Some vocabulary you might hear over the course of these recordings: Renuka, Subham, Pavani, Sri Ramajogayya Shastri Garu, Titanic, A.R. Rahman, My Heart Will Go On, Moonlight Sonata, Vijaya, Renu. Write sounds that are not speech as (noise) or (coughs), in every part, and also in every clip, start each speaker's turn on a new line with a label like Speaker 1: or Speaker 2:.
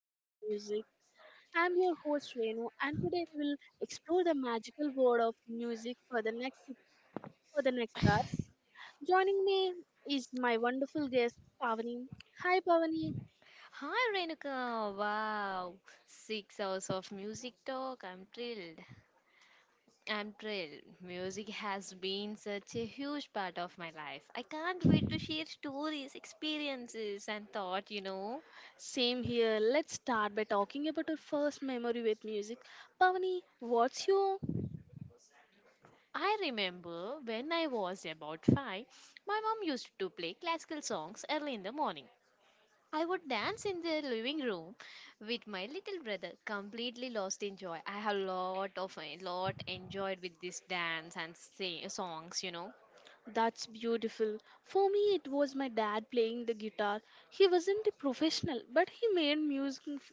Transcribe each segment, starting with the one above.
Speaker 1: cast of music. I'm your host Renu, and today we will explore the magical world of music for the next hour. Joining me is my wonderful guest Pavani. Hi, Pavani.
Speaker 2: Hi Renuka, wow. 6 hours of music talk. I'm thrilled. Music has been such a huge part of my life. I can't wait to share stories, experiences, and thought.
Speaker 1: Same here. Let's start by talking about your first memory with music. Pavani, what's your
Speaker 2: I remember when I was about five, my mom used to play classical songs early in the morning. I would dance in the living room with my little brother, completely lost in joy. I have a lot enjoyed with this dance and sing, songs.
Speaker 1: That's beautiful. For me, it was my dad playing the guitar. He wasn't a professional, but he made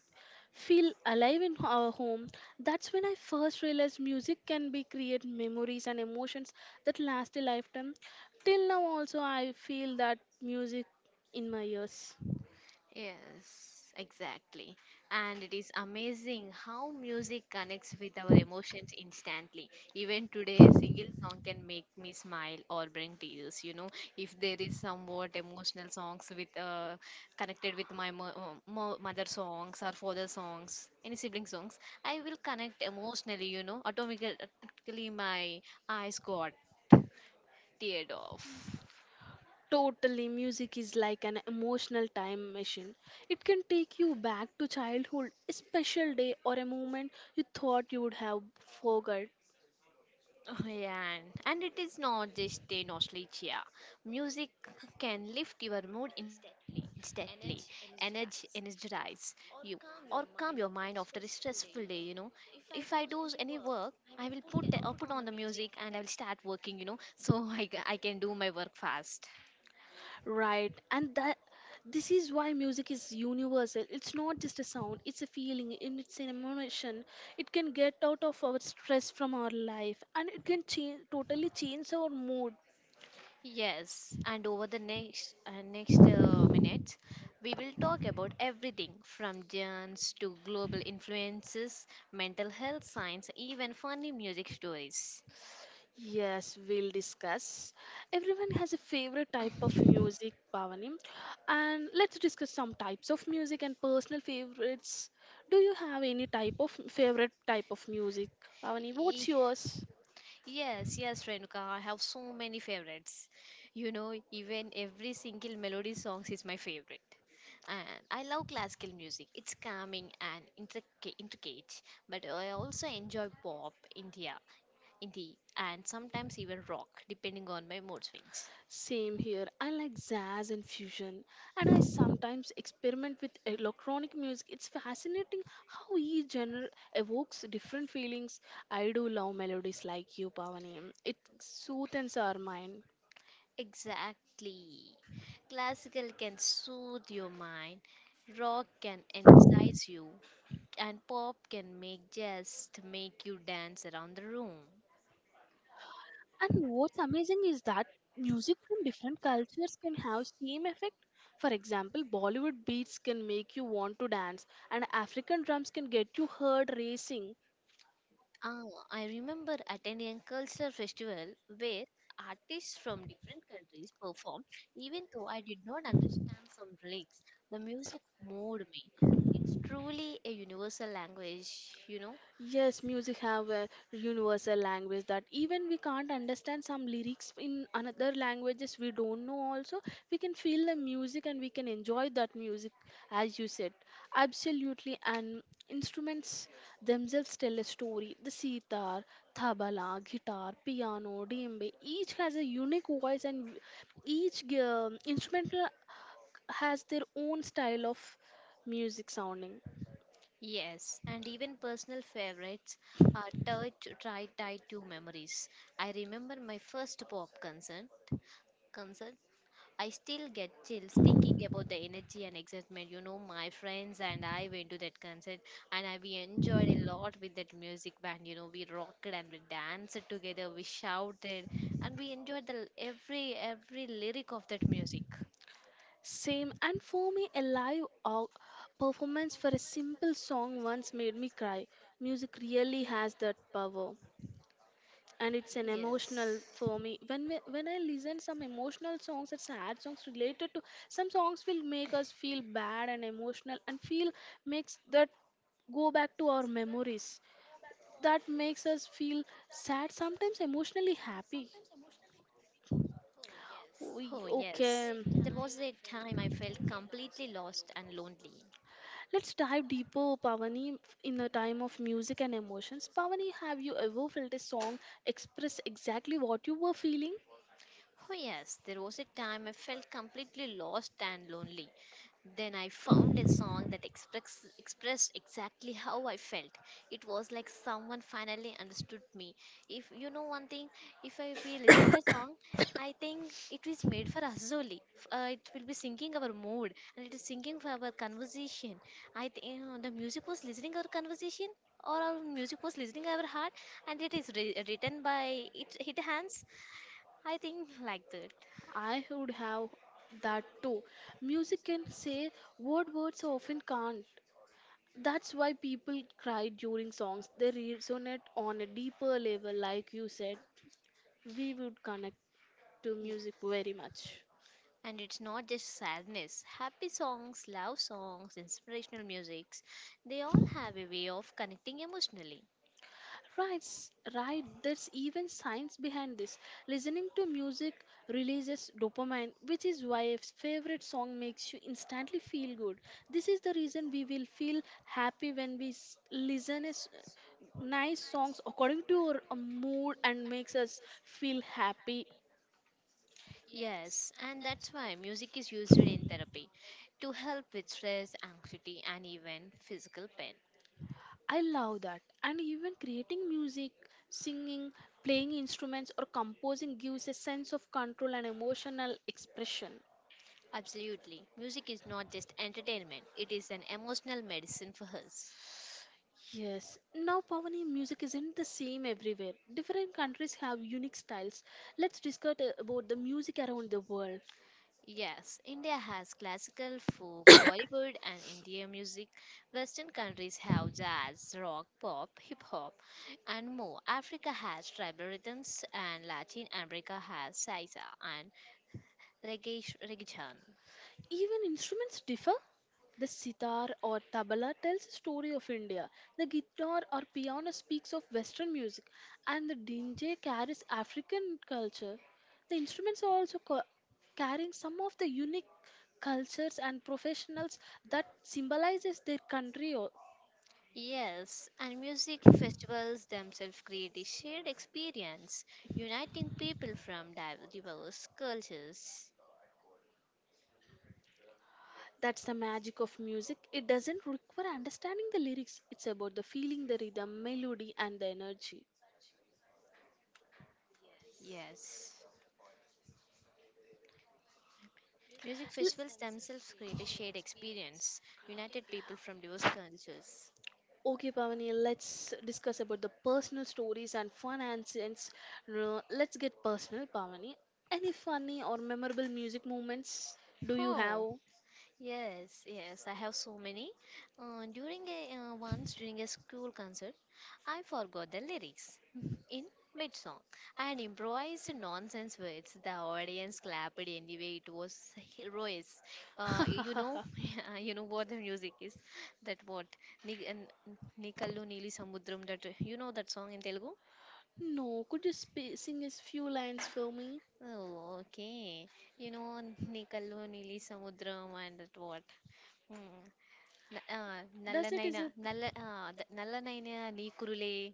Speaker 1: feel alive in our home. That's when I first realized music can be create memories and emotions that last a lifetime. Till now, also, I feel that music in my ears.
Speaker 2: Yes, exactly. And it is amazing how music connects with our emotions instantly. Even today, a single song can make me smile or bring tears. You know, if there is somewhat emotional songs with connected with my mother songs or father songs, any sibling songs, I will connect emotionally. You know, automatically my eyes got teared off.
Speaker 1: Totally, music is like an emotional time machine. It can take you back to childhood, a special day, or a moment you thought you would have forgot.
Speaker 2: Oh, yeah. And it is not just a nostalgia. Music can lift your mood instantly, energy energize you, or calm your mind after a stressful day. You know, if I do any work, I will put on the music and I will start working. You know, so (laughs) I can do my work fast.
Speaker 1: Right, and that this is why music is universal. It's not just a sound, it's a feeling, and it's an emotion. It can get out of our stress from our life and it can change totally change our mood.
Speaker 2: Yes, and over the next minutes, we will talk about everything from dance to global influences, mental health science, even funny music stories.
Speaker 1: Yes, we'll discuss. Everyone has a favorite type of music, Bhavani, and let's discuss some types of music and personal favorites. Do you have any type of favorite type of music, Bhavani?
Speaker 2: Y-
Speaker 1: What's yours?
Speaker 2: Yes, yes, Renuka, I have so many favorites. You know, even every single melody songs is my favorite. And I love classical music. It's calming and intricate, but I also enjoy pop, India, Indeed, and sometimes even rock, depending on my mood swings.
Speaker 1: Same here. I like jazz and fusion, and I sometimes experiment with electronic music. It's fascinating how each genre evokes different feelings. I do love melodies like you, Pavani. It soothes our mind.
Speaker 2: Exactly. Classical can soothe your mind, rock can energize you, and pop can make just make you dance around the room.
Speaker 1: And what's amazing is that music from different cultures can have same effect. For example, Bollywood beats can make you want to dance, and African drums can get you heart racing.
Speaker 2: Ah, I remember attending a cultural festival where artists from different countries performed, even though I did not understand from lyrics. The music moved me. Truly a universal language, you know.
Speaker 1: Yes, music have a universal language that even we can't understand some lyrics in another languages we don't know also we can feel the music and we can enjoy that music as you said, absolutely. And instruments themselves tell a story. The sitar, tabla, guitar, piano, djembe, each has a unique voice, and each instrumental has their own style of music sounding.
Speaker 2: Yes, and even personal favorites are tied to memories. I remember my first pop concert. I still get chills thinking about the energy and excitement. You know, my friends and I went to that concert, and we enjoyed a lot with that music band. You know, we rocked and we danced together, we shouted, and we enjoyed the every lyric of that music.
Speaker 1: Same, and for me, a performance for a simple song once made me cry. Music really has that power, and it's an emotional
Speaker 2: Yes.
Speaker 1: for me. When I listen some emotional songs and sad songs related to some songs will make us feel bad and emotional, and feel makes that go back to our memories. That makes us feel sad, sometimes emotionally happy.
Speaker 2: Oh,
Speaker 1: Oh,
Speaker 2: yes.
Speaker 1: yes. We,
Speaker 2: There was a
Speaker 1: okay.
Speaker 2: time I felt completely lost and lonely.
Speaker 1: Let's dive deeper, Pavani, in the time of music and emotions. Pavani, have you ever felt a song express exactly what you were feeling?
Speaker 2: Oh, yes, there was a time I felt completely lost and lonely. Then I found a song that expressed exactly how I felt. It was like someone finally understood me. If you know one thing, if I, we listen the song, I think it is made for us only. It will be singing our mood and it is singing for our conversation. I think the music was listening our conversation or our music was listening our heart and it is written by it hands I think (laughs) like that.
Speaker 1: I would have that too. Music can say what words often can't. That's why people cry during songs. They resonate on a deeper level, like you said. We would connect to
Speaker 2: Yeah.
Speaker 1: music very much.
Speaker 2: And it's not just sadness. Happy songs, love songs, inspirational musics, they all have a way of connecting emotionally.
Speaker 1: Right. There's even science behind this. Listening to music releases dopamine, which is why a favorite song makes you instantly feel good. This is the reason we will feel happy when we listen nice songs according to our mood and makes us feel happy.
Speaker 2: Yes, and that's why music is used in therapy to help with stress, anxiety, and even physical pain.
Speaker 1: I love that. And even creating music, singing, playing instruments, or composing gives a sense of control and emotional expression.
Speaker 2: Absolutely. Music is not just entertainment, it is an emotional medicine for us.
Speaker 1: Yes, now Pavani, music isn't the same everywhere. Different countries have unique styles. Let's discuss about the music around the world.
Speaker 2: Yes, India has classical, folk, Bollywood, and Indian music. Western countries have jazz, rock, pop, hip hop, and more. Africa has tribal rhythms, and Latin America has salsa and reggaeton.
Speaker 1: Even instruments differ. The sitar or tabla tells a story of India. The guitar or piano speaks of Western music, and the DJ carries African culture. The instruments are also carrying some of the unique cultures and professionals that symbolizes their country.
Speaker 2: Yes, and music festivals themselves create a shared experience, uniting people from diverse cultures.
Speaker 1: That's the magic of music. It doesn't require understanding the lyrics, it's about the feeling, the rhythm, melody, and the energy.
Speaker 2: Yes. Music
Speaker 1: L-
Speaker 2: festivals themselves create a shared experience, united people from diverse cultures.
Speaker 1: Okay, Pavani, let's discuss about the personal stories and fun incidents. Let's get personal, Pavani. Any funny or memorable music moments do you
Speaker 2: Oh,
Speaker 1: have?
Speaker 2: yes, yes, I have so many. During a once during a school concert, I forgot the lyrics (laughs) in mid song and improvised nonsense words. The audience clapped anyway. It was hilarious. You know,
Speaker 1: (laughs)
Speaker 2: (laughs) you know what the music is. That what Ni- and- Ni Nili Samudram. That you know that song in Telugu.
Speaker 1: no, could you sing a few lines for me?
Speaker 2: Oh, okay. You know, Nikalu, Nili Samudram, and that what? Hmm. Na-
Speaker 1: Does it is
Speaker 2: Nallanaina,
Speaker 1: it?
Speaker 2: Nalla, the Nallanaina, Nikurule.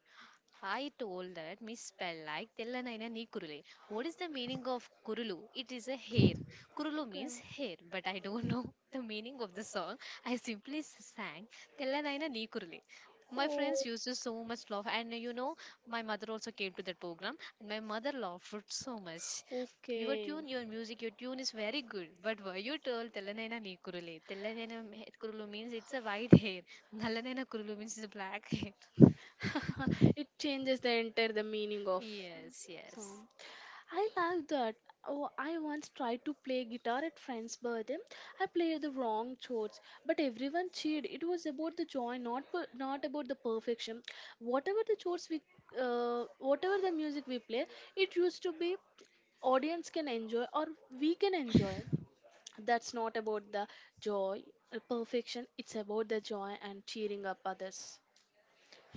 Speaker 2: I told that misspell like Tellanaina Nikurule. What is the meaning of Kurulu? It is a hair. Kurulu means
Speaker 1: Okay.
Speaker 2: hair, but I don't know (laughs) the meaning of the song. I sang Tellanaina Nikurule. My friends
Speaker 1: Oh,
Speaker 2: used to so much laugh, and you know, my mother also came to that program, and my mother laughed so much. Your
Speaker 1: okay.
Speaker 2: tune, your music, your tune is very good. But were you told Telanaina Nikurule? Kurulu means it's a white hair. Nalanaina Kurulu means it's a black hair.
Speaker 1: (laughs) it changes
Speaker 2: (laughs)
Speaker 1: the entire the meaning of
Speaker 2: Yes, yes.
Speaker 1: song. I like that. Oh, I once tried to play guitar at friend's birthday. I played the wrong chords, but everyone cheered. It was about the joy, not about the perfection. Whatever the chords we, Whatever the music we play, it used to be audience can enjoy or we can enjoy, that's not about the joy or perfection, it's about the joy and cheering up others.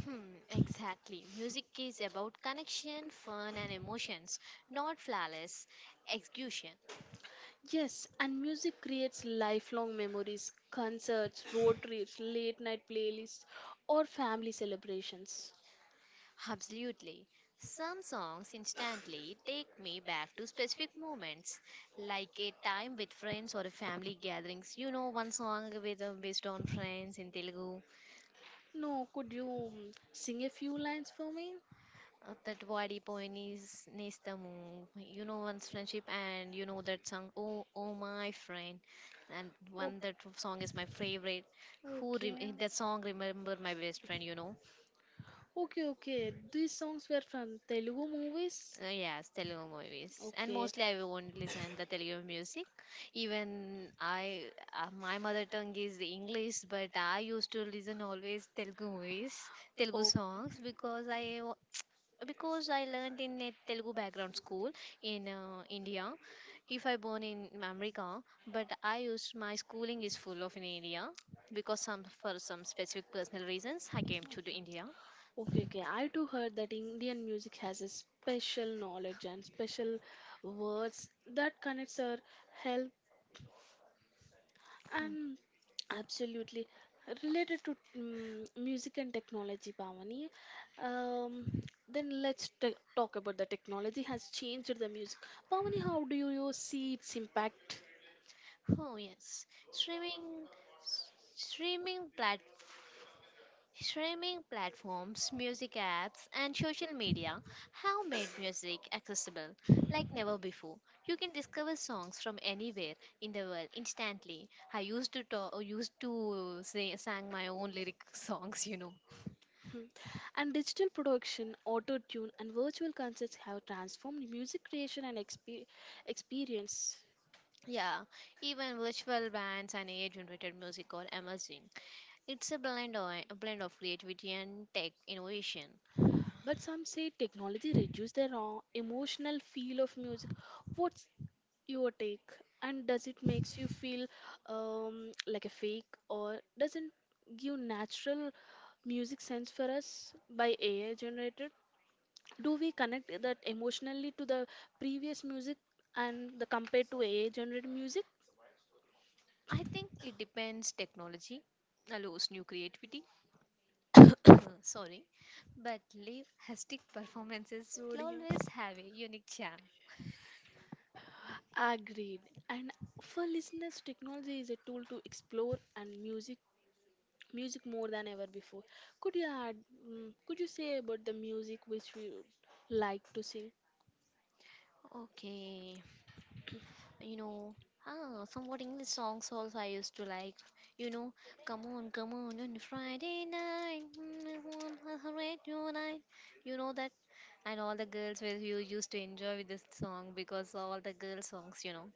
Speaker 2: Hmm, exactly. Music is about connection, fun, and emotions, not flawless execution.
Speaker 1: Yes, and music creates lifelong memories, concerts, road trips, late night playlists, or family celebrations.
Speaker 2: Absolutely. Some songs instantly take me back to specific moments, like a time with friends or a family gatherings. You know, one song with based on friends in Telugu,
Speaker 1: No, could you sing a few lines for me?
Speaker 2: that Vadi Poenis Nestamu. You know, one's friendship, and you know that song, Oh, Oh My Friend. And
Speaker 1: O-
Speaker 2: one that song is my favorite.
Speaker 1: okay.
Speaker 2: That song remember my best friend? You know.
Speaker 1: Okay, okay, these songs were from Telugu movies.
Speaker 2: Yes, Telugu movies, and
Speaker 1: Okay.
Speaker 2: mostly I won't listen the Telugu music. Even I, my mother tongue is English, but I used to listen always Telugu movies, Telugu
Speaker 1: Oh.
Speaker 2: songs because I learned in a Telugu background school in India. If I born in America, but I used my schooling is full of in India because some for some specific personal reasons I
Speaker 1: Okay.
Speaker 2: came to the India.
Speaker 1: Okay, okay. I too heard that Indian music has a special knowledge and special words that connects our health
Speaker 2: Hmm.
Speaker 1: and absolutely related to music and technology, Pavani. Um, then let's talk about the technology has changed the music. Pavani, how do you see its impact?
Speaker 2: Oh yes, streaming. Streaming plat- streaming platforms, music apps, and social media have made music accessible like never before. You can discover songs from anywhere in the world instantly. I used to talk, used to say, sang my own lyric (laughs) songs, you know.
Speaker 1: Hmm. And digital production, auto tune, and virtual concerts have transformed music creation and experience.
Speaker 2: Yeah, even virtual bands and AI-generated music are emerging. It's a blend of creativity and tech innovation.
Speaker 1: But some say technology reduces the raw emotional feel of music. What's your take? And does it makes you feel like a fake, or doesn't give natural music sense for us by AI generated? Do we connect that emotionally to the previous music and the compared to AI generated music?
Speaker 2: I think it depends technology allows new creativity (coughs) sorry, but live hectic performances will always have a unique charm.
Speaker 1: Agreed. And for listeners, technology is a tool to explore and music more than ever before. Could you add could you say about the music which we would like to sing?
Speaker 2: Okay. You know, ah, somewhat English songs also I used to like, you know, come on, come on Friday night, on a radio night, you know that. And all the girls were you used to enjoy with this song, because all the girl songs, you know.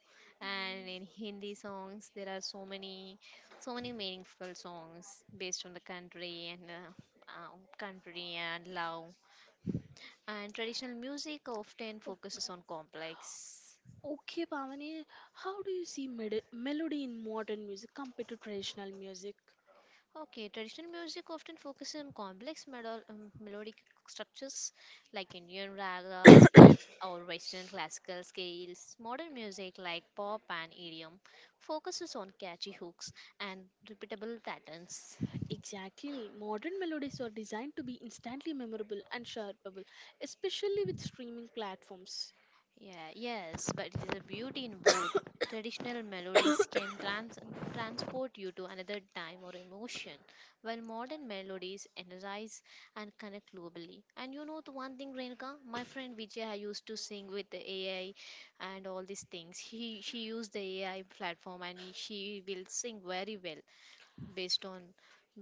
Speaker 2: And in Hindi songs, there are so many, so many meaningful songs based on the country and country and love and traditional music often focuses on complex.
Speaker 1: Okay, Pavani, how do you see melody in modern music compared to traditional music?
Speaker 2: Okay, traditional music often focuses on complex melodic structures like Indian ragas or Western classical scales. Modern music like pop and EDM focuses on catchy hooks and repeatable patterns.
Speaker 1: Exactly. Modern melodies are designed to be instantly memorable and sharpable, especially with streaming platforms.
Speaker 2: Yeah, yes, but it is a beauty in both. Traditional melodies can transport you to another time or emotion, while modern melodies energize and connect globally. And you know the one thing, Renuka, my friend Vijaya used to sing with the AI and all these things. He she used the AI platform and she will sing very well based on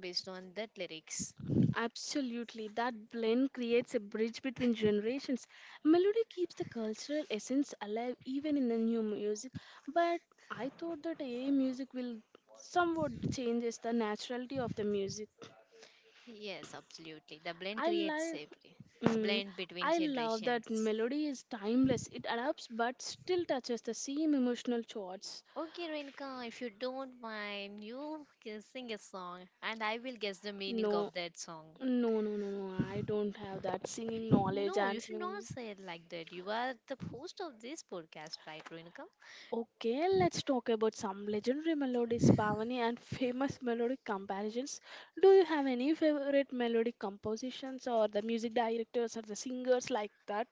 Speaker 2: based on that lyrics.
Speaker 1: Absolutely. That blend creates a bridge between generations. Melody keeps the cultural essence alive even in the new music, but I thought that AI music will somewhat changes the naturality of the music.
Speaker 2: Yes, absolutely. The blend
Speaker 1: I
Speaker 2: creates
Speaker 1: like
Speaker 2: safety.
Speaker 1: mm,
Speaker 2: Blend between
Speaker 1: I love that
Speaker 2: generations.
Speaker 1: melody is timeless. It adapts but still touches the same emotional chords.
Speaker 2: Okay, Rinka, if you don't mind, you can sing a song and I will guess the meaning
Speaker 1: No,
Speaker 2: of that song.
Speaker 1: no. I don't have that singing knowledge
Speaker 2: No,
Speaker 1: and
Speaker 2: you should not
Speaker 1: singing.
Speaker 2: say it like that. You are the host of this podcast, right, Rinka?
Speaker 1: Okay, let's talk about some legendary melodies, Pavani, and famous melodic comparisons. Do you have any favorite melodic compositions or the music directors or the singers like that?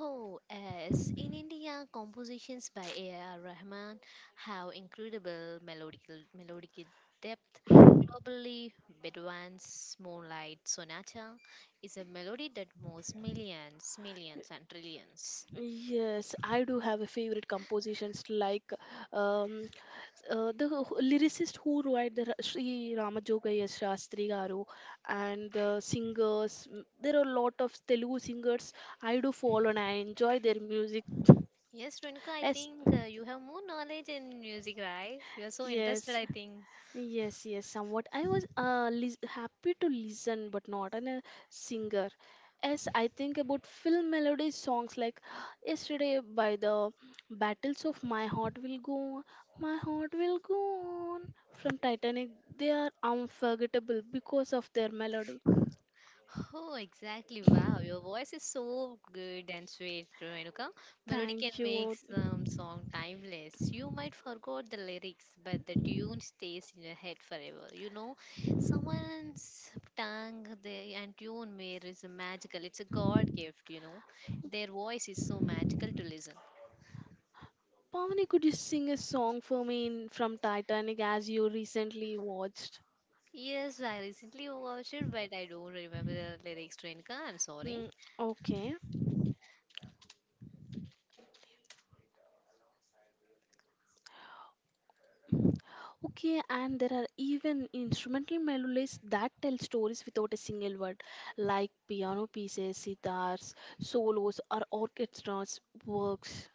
Speaker 2: Oh, as in India, compositions by A.R. Rahman have incredible melodic depth. Probably Bedouin's Moonlight Sonata is a melody that moves millions, and trillions.
Speaker 1: Yes, I do have a favorite compositions like um, lyricist who wrote the Sri Ramajogayya Shastri Garu and the singers. There are a lot of Telugu singers I do follow and I enjoy their music.
Speaker 2: Yes, Renuka, I
Speaker 1: As
Speaker 2: think you have more knowledge in music, right? You are so interested,
Speaker 1: Yes,
Speaker 2: I think.
Speaker 1: yes, yes, somewhat. I was happy to listen, but not an, a singer. As I think about film melody songs like (gasps) yesterday by the Battles of My Heart Will Go On, My Heart Will Go On from Titanic, they are unforgettable because of their melody.
Speaker 2: Oh, exactly. Wow, your voice is so good and sweet, Renuka. Melody can
Speaker 1: Thank
Speaker 2: make
Speaker 1: you.
Speaker 2: some song timeless. You might forgot the lyrics, but the tune stays in your head forever. You know, someone's tongue they, and tune made is a magical. It's a God gift, you know. Their voice is so magical to listen.
Speaker 1: Pavani, could you sing a song for me in, from Titanic as you recently watched?
Speaker 2: Yes, I recently watched it, but I don't remember the lyrics, Renuka. I'm sorry.
Speaker 1: Mm, okay. Okay, and there are even instrumental melodies that tell stories without a single word, like piano pieces, sitars, solos, or orchestras works.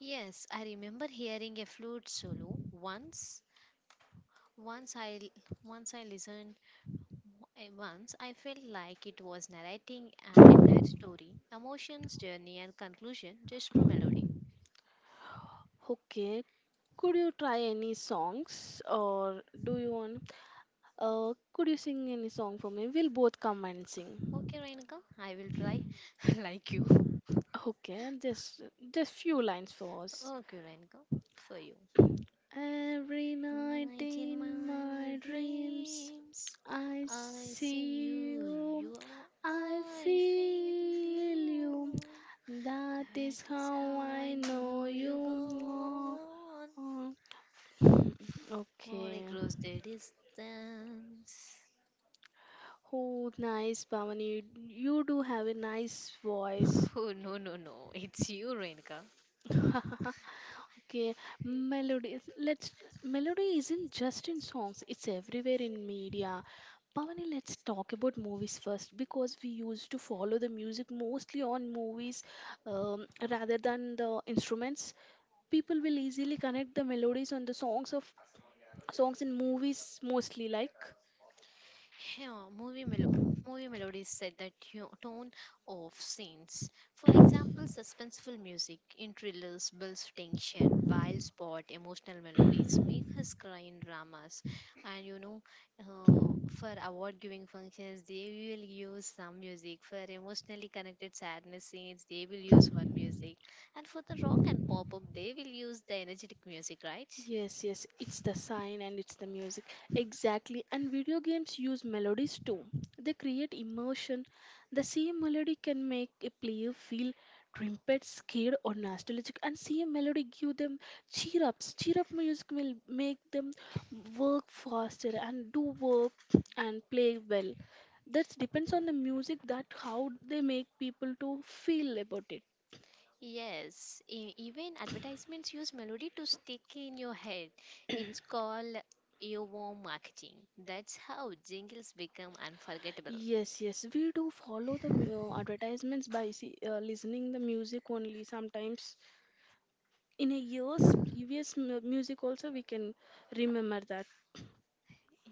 Speaker 2: Yes, I remember hearing a flute solo Once I once I listened once I felt like it was narrating an story, emotions, journey and conclusion just through melody.
Speaker 1: Okay, could you try any songs or do you want? Could you sing any song for me? We'll both come and sing.
Speaker 2: Okay, Rainika, I will try (laughs) like you.
Speaker 1: Okay, just few lines for us.
Speaker 2: Okay, Rainika, for you.
Speaker 1: Every night
Speaker 2: Night in
Speaker 1: in
Speaker 2: my
Speaker 1: my dreams,
Speaker 2: dreams,
Speaker 1: I
Speaker 2: I see
Speaker 1: see you,
Speaker 2: you,
Speaker 1: I
Speaker 2: I feel
Speaker 1: feel you.
Speaker 2: you.
Speaker 1: That is
Speaker 2: That is
Speaker 1: how
Speaker 2: how
Speaker 1: I
Speaker 2: I
Speaker 1: know
Speaker 2: know you
Speaker 1: you.
Speaker 2: go
Speaker 1: Oh,
Speaker 2: on.
Speaker 1: oh.
Speaker 2: More
Speaker 1: Okay.
Speaker 2: across the distance. (laughs)
Speaker 1: Oh, nice, Bhavani. You do have a nice voice.
Speaker 2: Oh, no, no, no. It's you, Renka.
Speaker 1: Okay, melodies. Let's Melody isn't just in songs; it's everywhere in media. Pavani, let's talk about movies first because we used to follow the music mostly on movies rather than the instruments. People will easily connect the melodies on the songs in movies mostly like.
Speaker 2: Yeah, movie melodies set the tone of scenes. For example, suspenseful music in thrillers builds tension, while spot emotional melodies make us cry in dramas. And you know, for award-giving functions, they will use some music. For emotionally connected sadness scenes, they will use one music. And for the rock and pop-up, they will use the energetic music, right?
Speaker 1: Yes, yes, it's the sign and it's the music. Exactly. And video games use melodies too. They create emotion. The same melody can make a player feel trimpet, scared, or nostalgic. And same melody give them cheer ups. Cheer up music will make them work faster and do work and play well. That depends on the music that how they make people to feel about it.
Speaker 2: Yes, even advertisements use melody to stick in your head. It's called earworm marketing. That's how jingles become unforgettable.
Speaker 1: Yes, yes, we do follow the
Speaker 2: (laughs)
Speaker 1: advertisements by listening the music only sometimes. In a year's previous music also we can remember that.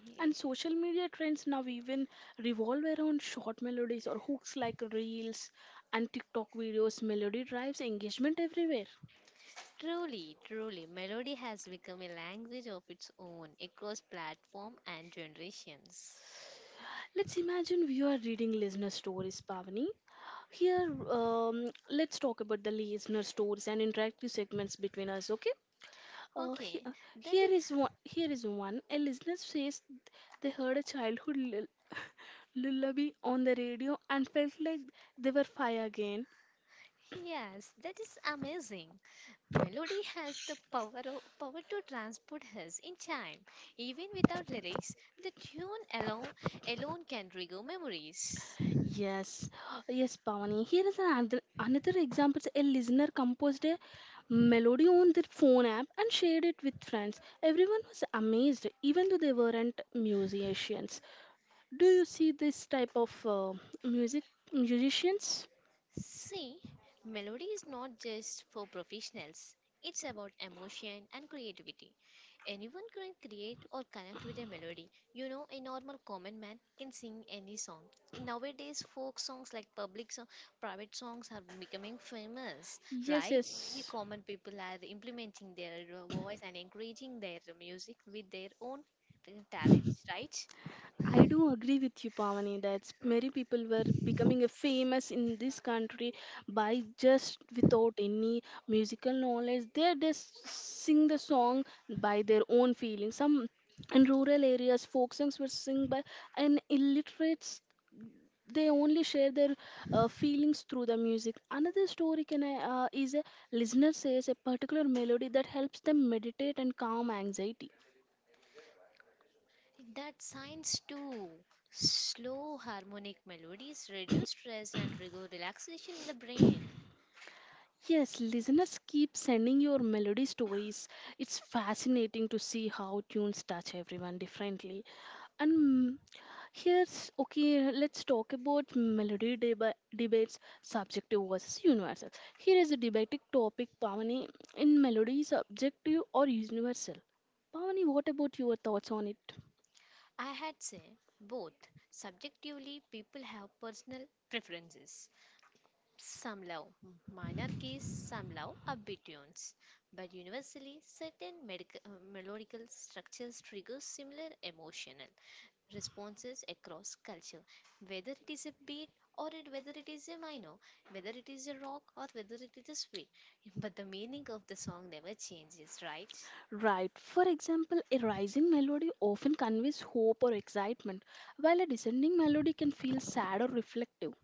Speaker 2: Yeah.
Speaker 1: And social media trends now even revolve around short melodies or hooks like reels and TikTok videos. Melody drives engagement everywhere.
Speaker 2: Truly, melody has become a language of its own across platform and generations.
Speaker 1: Let's imagine we are reading listener stories, Pavani. Here, let's talk about the listener stories and interactive segments between us, okay? Uh, he-
Speaker 2: Okay,
Speaker 1: uh,
Speaker 2: that
Speaker 1: Here is one. Here is one. A listener says they heard a childhood lullaby on the radio and felt like they were five again.
Speaker 2: is yes, that is amazing. Melody has the power, of, power to transport us in time. Even without lyrics, the tune alone, can trigger memories.
Speaker 1: Yes, yes, Pavani. Here is another example. A listener composed a melody on their phone app and shared it with friends. Everyone was amazed, even though they weren't musicians. Do you see this type of music musicians?
Speaker 2: See, melody is not just for professionals, it's about emotion and creativity. Anyone can create or connect with a melody. You know, a normal common man can sing any song. In nowadays, folk songs like public song, private songs are becoming famous,
Speaker 1: Yes,
Speaker 2: right? Many
Speaker 1: yes.
Speaker 2: common people are implementing their voice and encouraging their music with their own talents, right?
Speaker 1: I do agree with you, Pavani, that many people were becoming a famous in this country by just without any musical knowledge. They just sing the song by their own feelings. Some in rural areas, folk songs were sung by an illiterates. They only share their feelings through the music. Another story can I, is a listener says a particular melody that helps them meditate and calm anxiety.
Speaker 2: That science too. Slow harmonic melodies reduce stress and trigger relaxation in the brain.
Speaker 1: Yes, listeners keep sending your melody stories. It's fascinating to see how tunes touch everyone differently. And let's talk about melody debates, subjective versus universal. Here is a debating topic, Pavani. In melody, subjective or universal? Pavani, what about your thoughts on it?
Speaker 2: I had say both. Subjectively, people have personal preferences. Some love minor keys, some love upbeat tunes. But universally, certain melodical structures trigger similar emotional responses across culture, whether it is a big or it whether it is a minor, whether it is a rock or whether it is a sweet. (laughs) But the meaning of the song never changes, right?
Speaker 1: Right. For example, a rising melody often conveys hope or excitement, while a descending melody can feel sad or reflective.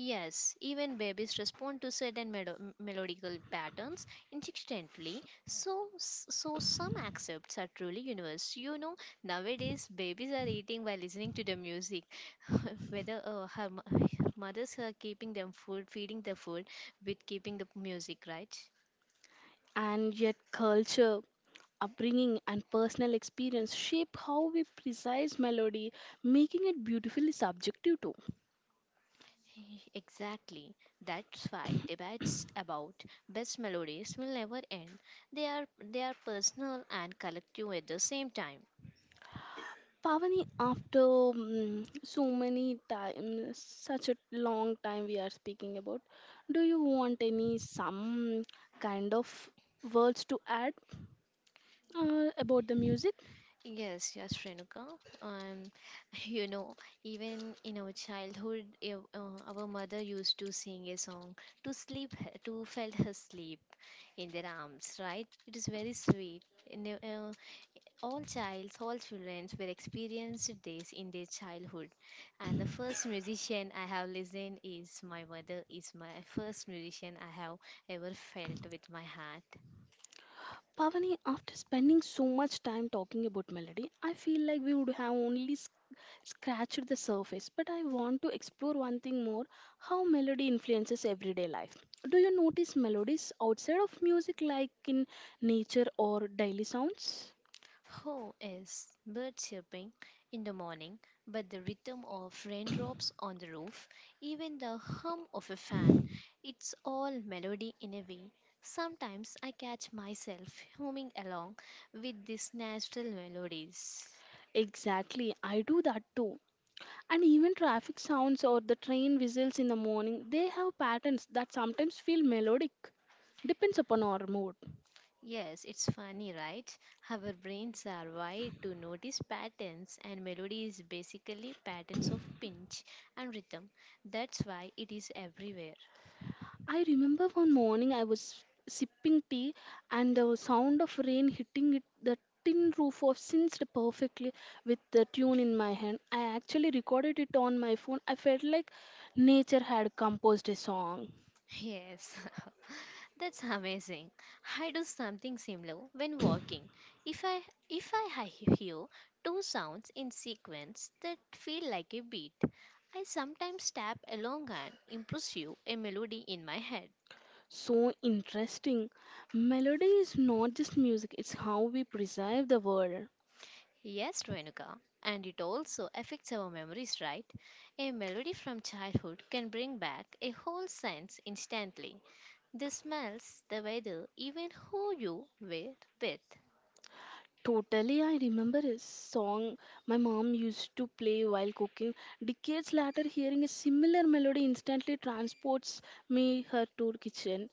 Speaker 2: Yes, even babies respond to certain melodical patterns instinctively. So some accepts are truly universal. You know, nowadays babies are eating while listening to the music. (laughs) Whether her (laughs) mothers are keeping them food, feeding the food with keeping the music, right?
Speaker 1: And yet, culture, upbringing, and personal experience shape how we precise melody, making it beautifully subjective too.
Speaker 2: (laughs) Exactly. That's why debates about best melodies will never end. They are they are personal and collective at the same time.
Speaker 1: Pavani, after so many times, such a long time we are speaking about, do you want any some kind of words to add about the music?
Speaker 2: Yes, yes, Renuka. Um, (laughs) you know, even in our childhood, our mother used to sing a song to sleep, to felt her sleep in their arms. Right? It is very sweet. All childs, all children will experience this in their childhood. And the first musician I have listened is my mother, is my first musician I have ever felt with my heart.
Speaker 1: Pavani, after spending so much time talking about melody, I feel like we would have only scratched the surface. But I want to explore one thing more, how melody influences everyday life. Do you notice melodies outside of music, like in nature or daily sounds?
Speaker 2: How is bird chirping in the morning, but the rhythm of raindrops on the roof, even the hum of a fan, it's all melody in a way. Sometimes I catch myself humming along with these natural melodies.
Speaker 1: Exactly, I do that too. And even traffic sounds or the train whistles in the morning, they have patterns that sometimes feel melodic. Depends upon our mood.
Speaker 2: Yes, it's funny, right? Our brains are wired to notice patterns, and melody is basically patterns of pinch and rhythm. That's why it is everywhere.
Speaker 1: I remember one morning I was sipping tea and the sound of rain hitting it the tin roof of synced perfectly with the tune in my hand. I actually recorded it on my phone. I felt like nature had composed a song.
Speaker 2: Yes, (laughs) that's amazing. I do something similar when walking. If I if I hear two sounds in sequence that feel like a beat, I sometimes tap along and impressive a melody in my head.
Speaker 1: So interesting. Melody is not just music, it's how we preserve the world.
Speaker 2: Yes, Renuka. And it also affects our memories, right? A melody from childhood can bring back a whole sense instantly. The smells, the weather, even who you were with.
Speaker 1: Totally, I remember a song my mom used to play while cooking. Decades later, hearing a similar melody instantly transports me her to kitchen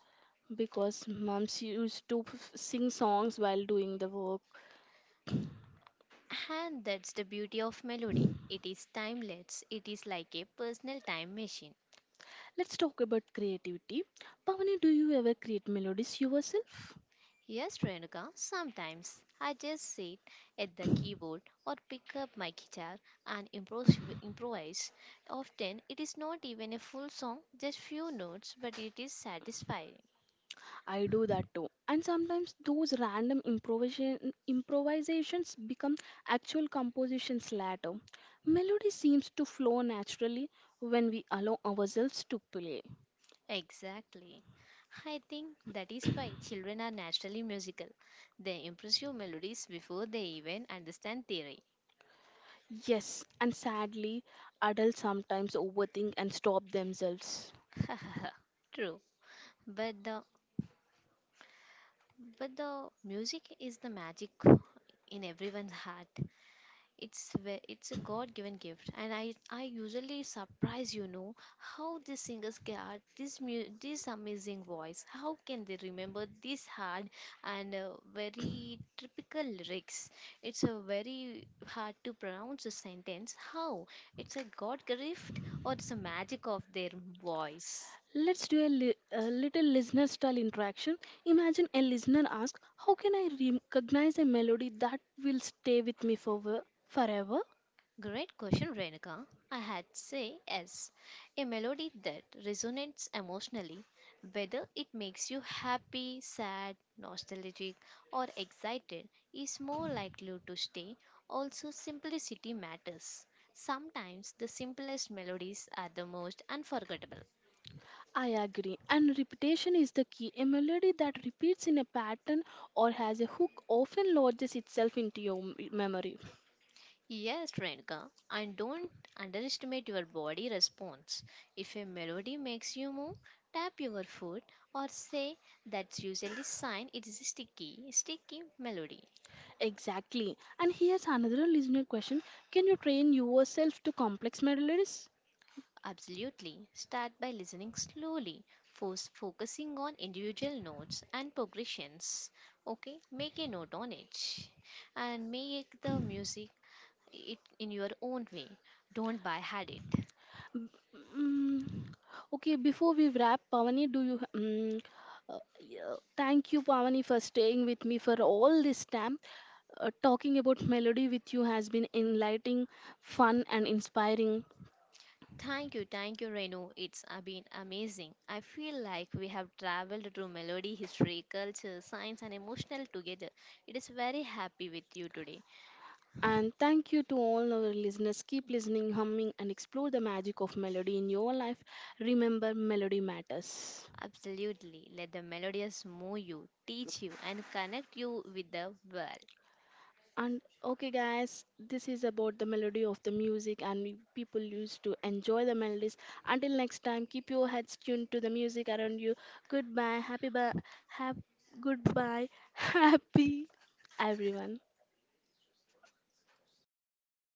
Speaker 1: because moms used to sing songs while doing the work.
Speaker 2: And that's the beauty of melody. It is timeless, it is like a personal time machine.
Speaker 1: Let's talk about creativity. Pavani, do you ever create melodies yourself?
Speaker 2: Yes, Renuka, sometimes I just sit at the keyboard or pick up my guitar and improvise. Often it is not even a full song, just few notes, but it is satisfying.
Speaker 1: I do that too. And sometimes those random improvisations become actual compositions later. Melody seems to flow naturally when we allow ourselves to play.
Speaker 2: Exactly. I think that is why children are naturally musical. They impress you melodies before they even understand theory.
Speaker 1: Yes, and sadly, adults sometimes overthink and stop themselves.
Speaker 2: (laughs) True. But the but the music is the magic in everyone's heart. It's a God-given gift, and I usually surprise, you know, how these singers get this amazing voice. How can they remember this hard and very typical lyrics? It's a very hard to pronounce a sentence. How? It's a God gift or it's a magic of their voice.
Speaker 1: Let's do a little listener style interaction. Imagine a listener asks, how can I recognize a melody that will stay with me for forever?
Speaker 2: Great question, Renika. I had say yes. A melody that resonates emotionally, whether it makes you happy, sad, nostalgic, or excited, is more likely to stay. Also, simplicity matters. Sometimes the simplest melodies are the most unforgettable.
Speaker 1: I agree. And repetition is the key. A melody that repeats in a pattern or has a hook often lodges itself into your memory.
Speaker 2: Yes, Renika, and don't underestimate your body response. If a melody makes you move, tap your foot or say, that's usually sign it is a sticky melody.
Speaker 1: Exactly. And here's another listener question, can you train yourself to complex melodies?
Speaker 2: Absolutely. Start by listening slowly, first focusing on individual notes and progressions. Okay, make a note on it and make the music it in your own way. Don't buy had it.
Speaker 1: B- mm, okay, before we wrap, Pavani, do you. Mm yeah, thank you, Pavani, for staying with me for all this time. Talking about melody with you has been enlightening, fun, and inspiring.
Speaker 2: Thank you, Renu. It's been amazing. I feel like we have traveled through melody, history, culture, science, and emotional together. It is very happy with you today.
Speaker 1: And thank you to all our listeners. Keep listening, humming, and explore the magic of melody in your life. Remember, melody matters.
Speaker 2: Absolutely. Let the melodies move you, teach you, and connect you with the world.
Speaker 1: And okay, guys, this is about the melody of the music, and we, people used to enjoy the melodies. Until next time, keep your heads tuned to the music around you. Goodbye, hap- goodbye, (laughs) happy everyone.